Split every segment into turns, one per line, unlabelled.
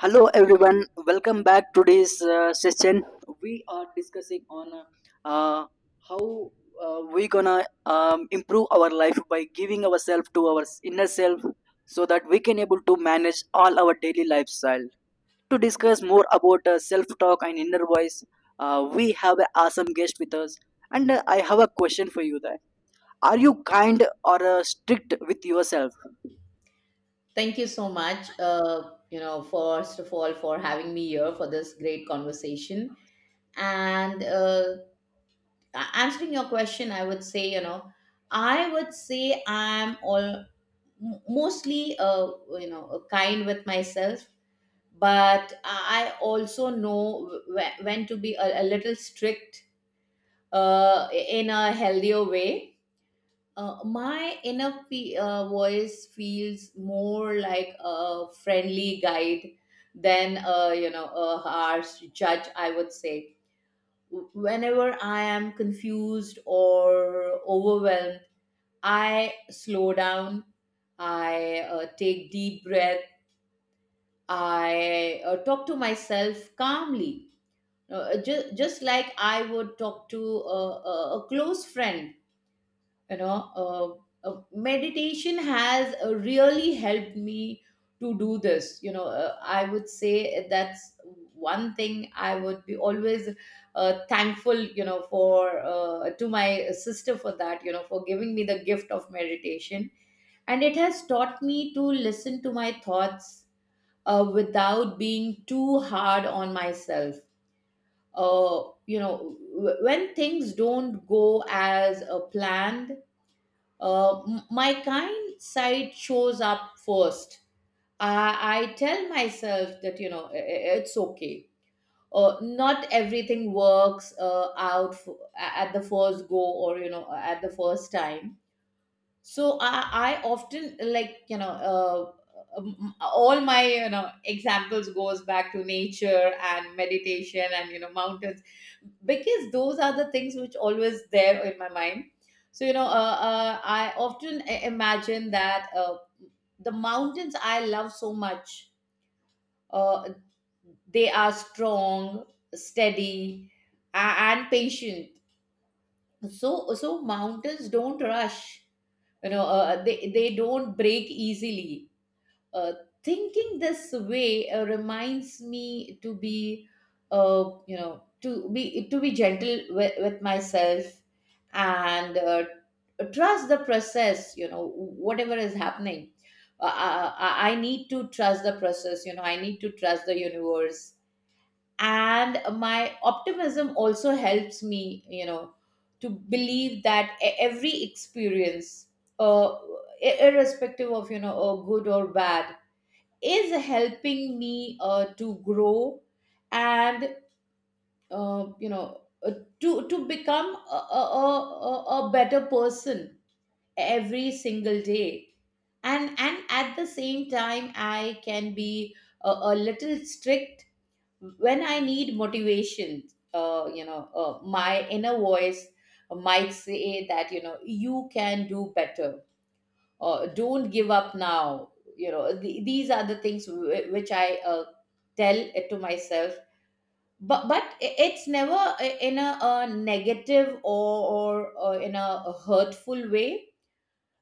Hello everyone, welcome back to this session. We are discussing on uh, how we gonna improve our life by giving ourselves to our inner self so that we can able to manage all our daily lifestyle. To discuss more about self talk and inner voice, we have an awesome guest with us and I have a question for you there. Are you kind or strict with yourself?
Thank you so much, first of all, for having me here for this great conversation. And answering your question, I would say I'm mostly, kind with myself, but I also know when to be a little strict in a healthier way. My inner voice feels more like a friendly guide than a you know a harsh judge, I would say. Whenever I am confused or overwhelmed, I slow down. I take deep breath. I talk to myself calmly, just like I would talk to a, a close friend. Meditation has really helped me to do this. I would say that's one thing I would be always thankful, you know for to my sister for that, for giving me the gift of meditation. And it has taught me to listen to my thoughts without being too hard on myself. When things don't go as planned, my kind side shows up first. I tell myself that, you know, it's okay. Not everything works out at the first go, or, you know, at the first time. So I often, like, all my examples goes back to nature and meditation and, mountains, because those are the things which always there in my mind. So, I often imagine that the mountains I love so much uh, they are strong, steady, and patient. So mountains don't rush. They don't break easily. uh, Thinking this way reminds me to be you know to be gentle with myself, and trust the process, whatever is happening. I need to trust the process. I need to trust the universe. And my optimism also helps me, to believe that every experience, uh, irrespective of, good or bad, is helping me to grow, and uh, you know uh, to become a better person every single day. And at the same time, I can be a little strict when I need motivation. My inner voice might say that, you know, you can do better, or don't give up now. You know, these are the things which I tell it to myself. But it's never in a negative, or in a hurtful way.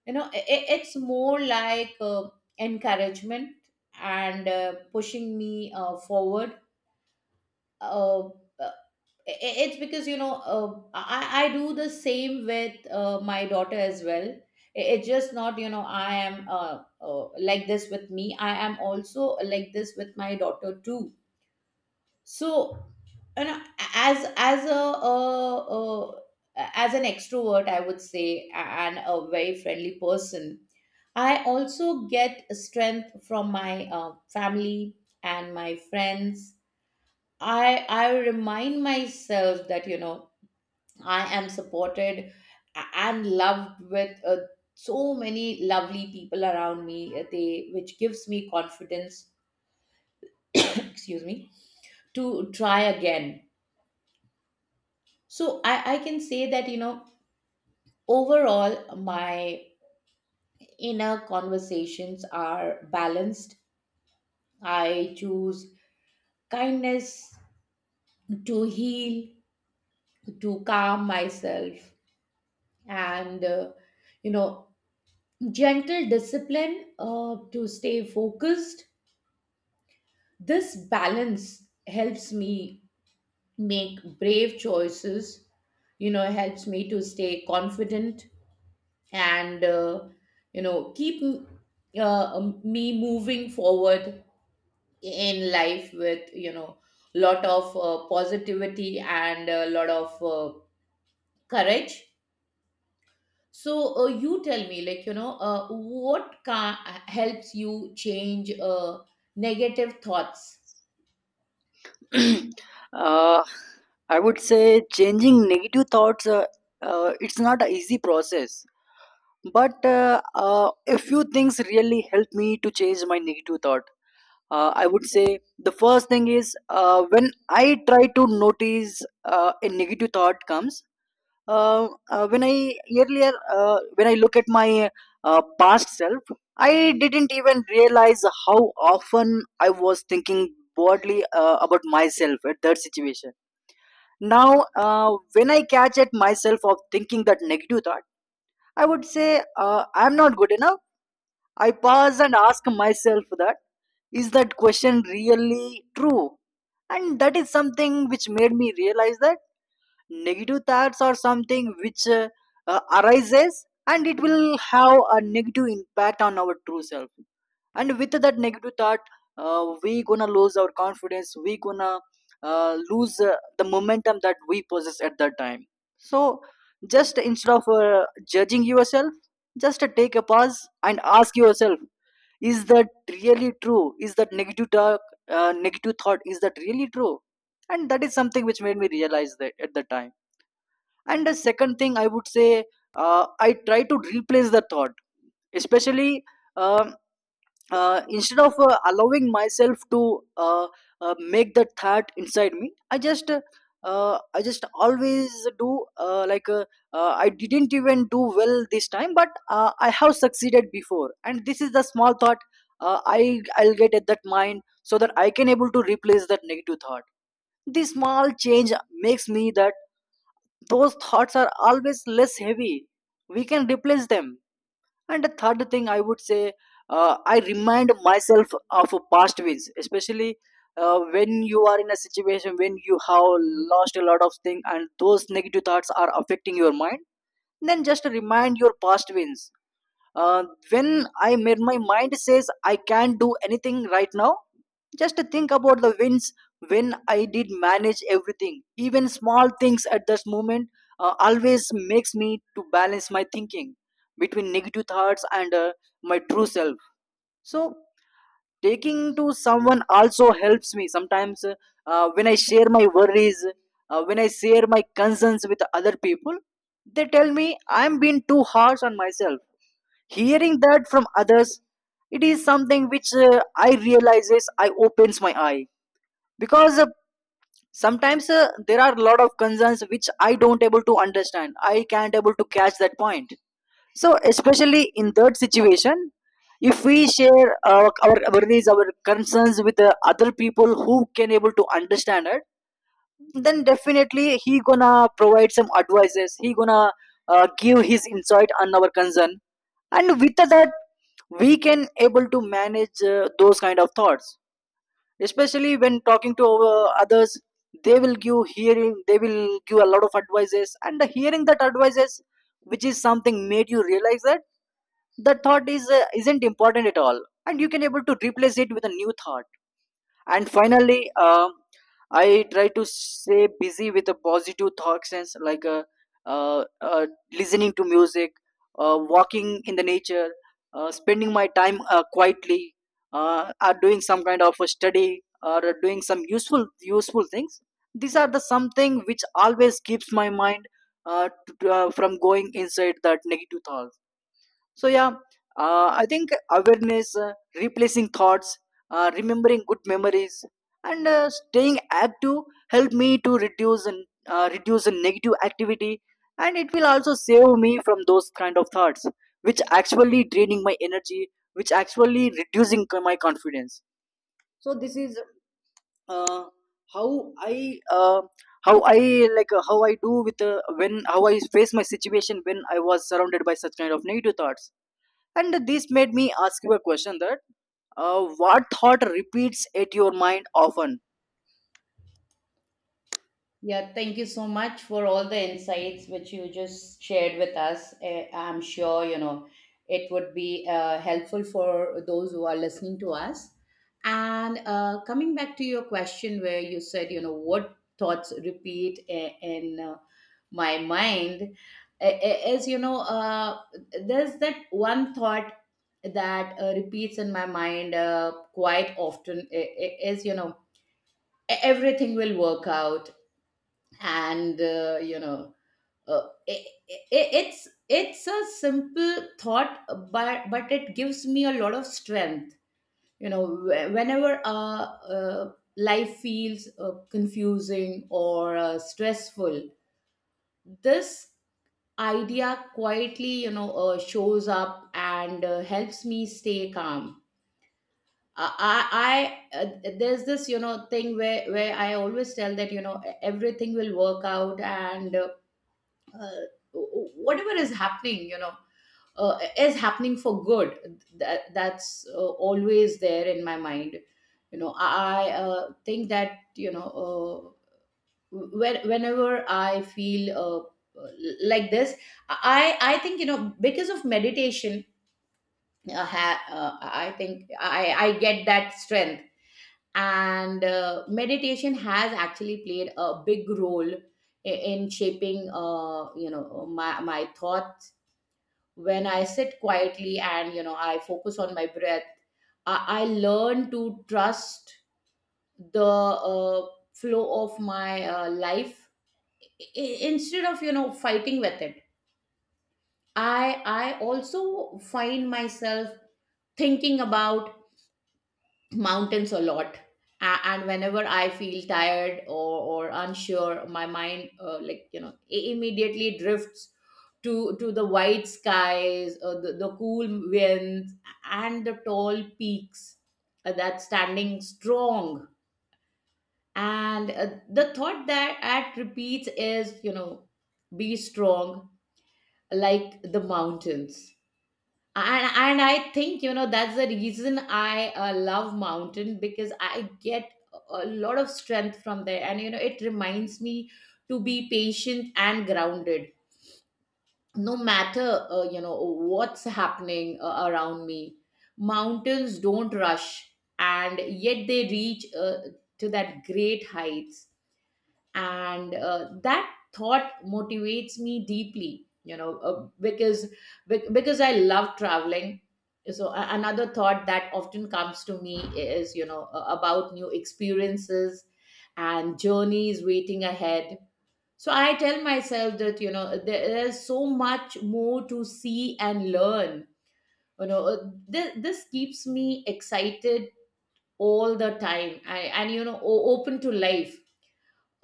You know, it's more like encouragement, and pushing me forward. uh. uh, I- it's because, I do the same with my daughter as well. It's just not, you know, I am like this with me. I am also like this with my daughter too. So, you know, as as a uh, uh, as an extrovert, I would say, and a very friendly person, I also get strength from my family and my friends. I I remind myself that, you know, I am supported and loved with so many lovely people around me. They which gives me confidence. Excuse me, to try again. So I can say that, you know, overall my inner conversations are balanced. I choose kindness to heal, to calm myself, and you know gentle discipline to stay focused. This balance helps me make brave choices, you know, helps me to stay confident, and keep me moving forward in life with, you know, lot of positivity and a lot of courage. So, you tell me, like, what helps you change negative thoughts?
uh, I would say changing negative thoughts. It's not an easy process, but a few things really help me to change my negative thought. I would say the first thing is when I try to notice a negative thought comes, when I earlier when I look at my past self, I didn't even realize how often I was thinking broadly about myself at that situation. Now, when I catch at myself of thinking that negative thought, I would say I'm not good enough. I pause and ask myself that is that question really true, and that is something which made me realize that negative thoughts or something which arises and it will have a negative impact on our true self, and with that negative thought we gonna lose our confidence, we gonna lose the momentum that we possess at that time. So just instead of judging yourself, just take a pause and ask yourself is that really true, is that negative talk, negative thought, is that really true? And that is something which made me realize that at the time. And the second thing I would say, I try to replace the thought, especially um instead of allowing myself to make the thought inside me, I just I just always do like I didn't even do well this time, but I have succeeded before, and this is the small thought I'll get at that mind so that I can able to replace that negative thought. This small change makes me that those thoughts are always less heavy, we can replace them. And the third thing I would say, I remind myself of past wins, especially when you are in a situation when you have lost a lot of things and those negative thoughts are affecting your mind, then just remind your past wins. uh, when I made my mind says I can't do anything right now, just think about the wins, when I did manage everything, even small things at this moment, always makes me to balance my thinking between negative thoughts and my true self. So taking to someone also helps me sometimes. When I share my worries, when I share my concerns with other people, they tell me I'm being too harsh on myself. Hearing that from others, it is something which I realizes, I opens my eye, because sometimes there are a lot of concerns which I don't able to understand, I can't able to catch that point. So especially in that situation, if we share our worries, our concerns with the other people who can able to understand it, then definitely he gonna provide some advices, he gonna give his insight on our concern, and with that we can able to manage those kind of thoughts. Especially when talking to others, they will give hearing, they will give a lot of advices, and the hearing that advices, which is something made you realize that the thought is isn't important at all, and you can able to replace it with a new thought. And finally, I try to stay busy with a positive thoughts, and like uh, uh, listening to music, walking in the nature, spending my time quietly, or doing some kind of a study or doing some useful useful things. These are the something which always keeps my mind uh, from going inside that negative thoughts. So yeah, I think awareness, replacing thoughts, remembering good memories, and staying active help me to reduce and reduce the negative activity, and it will also save me from those kind of thoughts, which actually draining my energy, which actually reducing my confidence. So this is uh, how I. Uh, how I like how I do with when how I face my situation when I was surrounded by such kind of negative thoughts. And this made me ask you a question that what thought repeats at your mind often?
Yeah, thank you so much for all the insights which you just shared with us. I'm sure, you know, it would be helpful for those who are listening to us. And coming back to your question, where you said, you know, what thoughts repeat in my mind, is, you know, there's that one thought that repeats in my mind quite often, is, you know, everything will work out. And it's a simple thought, but it gives me a lot of strength. Whenever uh, life feels confusing or stressful, this idea quietly, shows up and helps me stay calm. I There's this, you know, thing where I always tell that, you know, everything will work out. And uh, whatever is happening, is happening for good. That's always there in my mind. You know, I think that, uh, whenever I feel, uh, like this, I think, you know, because of meditation, I think I get that strength. And meditation has actually played a big role in shaping, my thoughts. When I sit quietly and, you know, I focus on my breath, I learn to trust the flow of my life, instead of, you know, fighting with it. I also find myself thinking about mountains a lot. And whenever I feel tired, or unsure, my mind, like, you know, immediately drifts to the white skies, the cool winds, and the tall peaks, that standing strong. And the thought that at repeats is, you know, be strong like the mountains. And I think, you know, that's the reason I love mountain, because I get a lot of strength from there. And, you know, it reminds me to be patient and grounded, no matter what's happening around me. Mountains don't rush, and yet they reach to that great heights. And that thought motivates me deeply, because I love traveling. So another thought that often comes to me is, about new experiences and journeys waiting ahead. So I tell myself that, you know, there is so much more to see and learn. you know uh, this keeps me excited all the time, and, you know, open to life.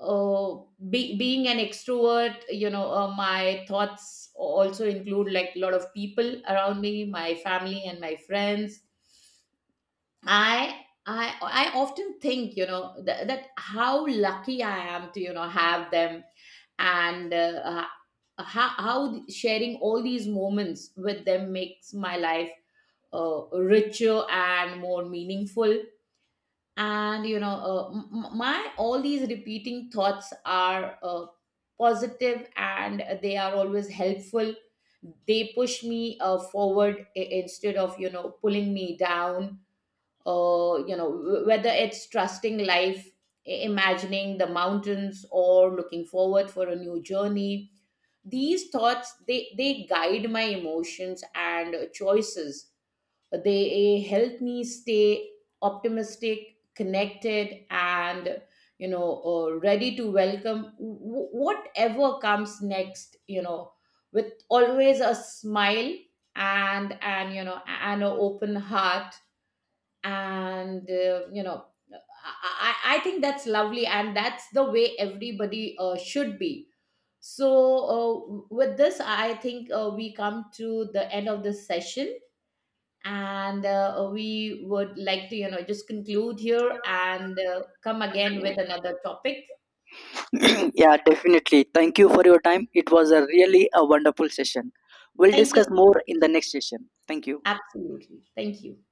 uh, Being an extrovert, you know, my thoughts also include, like, a lot of people around me, my family and my friends. I often think, you know, that how lucky I am to, you know, have them, and how sharing all these moments with them makes my life richer and more meaningful. And, my all these repeating thoughts are positive, and they are always helpful. They push me forward, instead of, you know, pulling me down. Whether it's trusting life, imagining the mountains, or looking forward for a new journey, these thoughts, they guide my emotions and choices. They help me stay optimistic, connected, and, ready to welcome whatever comes next, you know, with always a smile and you know and an open heart. And I think that's lovely, and that's the way everybody should be. So, with this, I think we come to the end of this session, and we would like to, you know, just conclude here, and come again with another topic.
Yeah, definitely. Thank you for your time. It was a really a wonderful session. We'll
Thank you.
discuss more in the next session. Thank you.
Absolutely, thank you.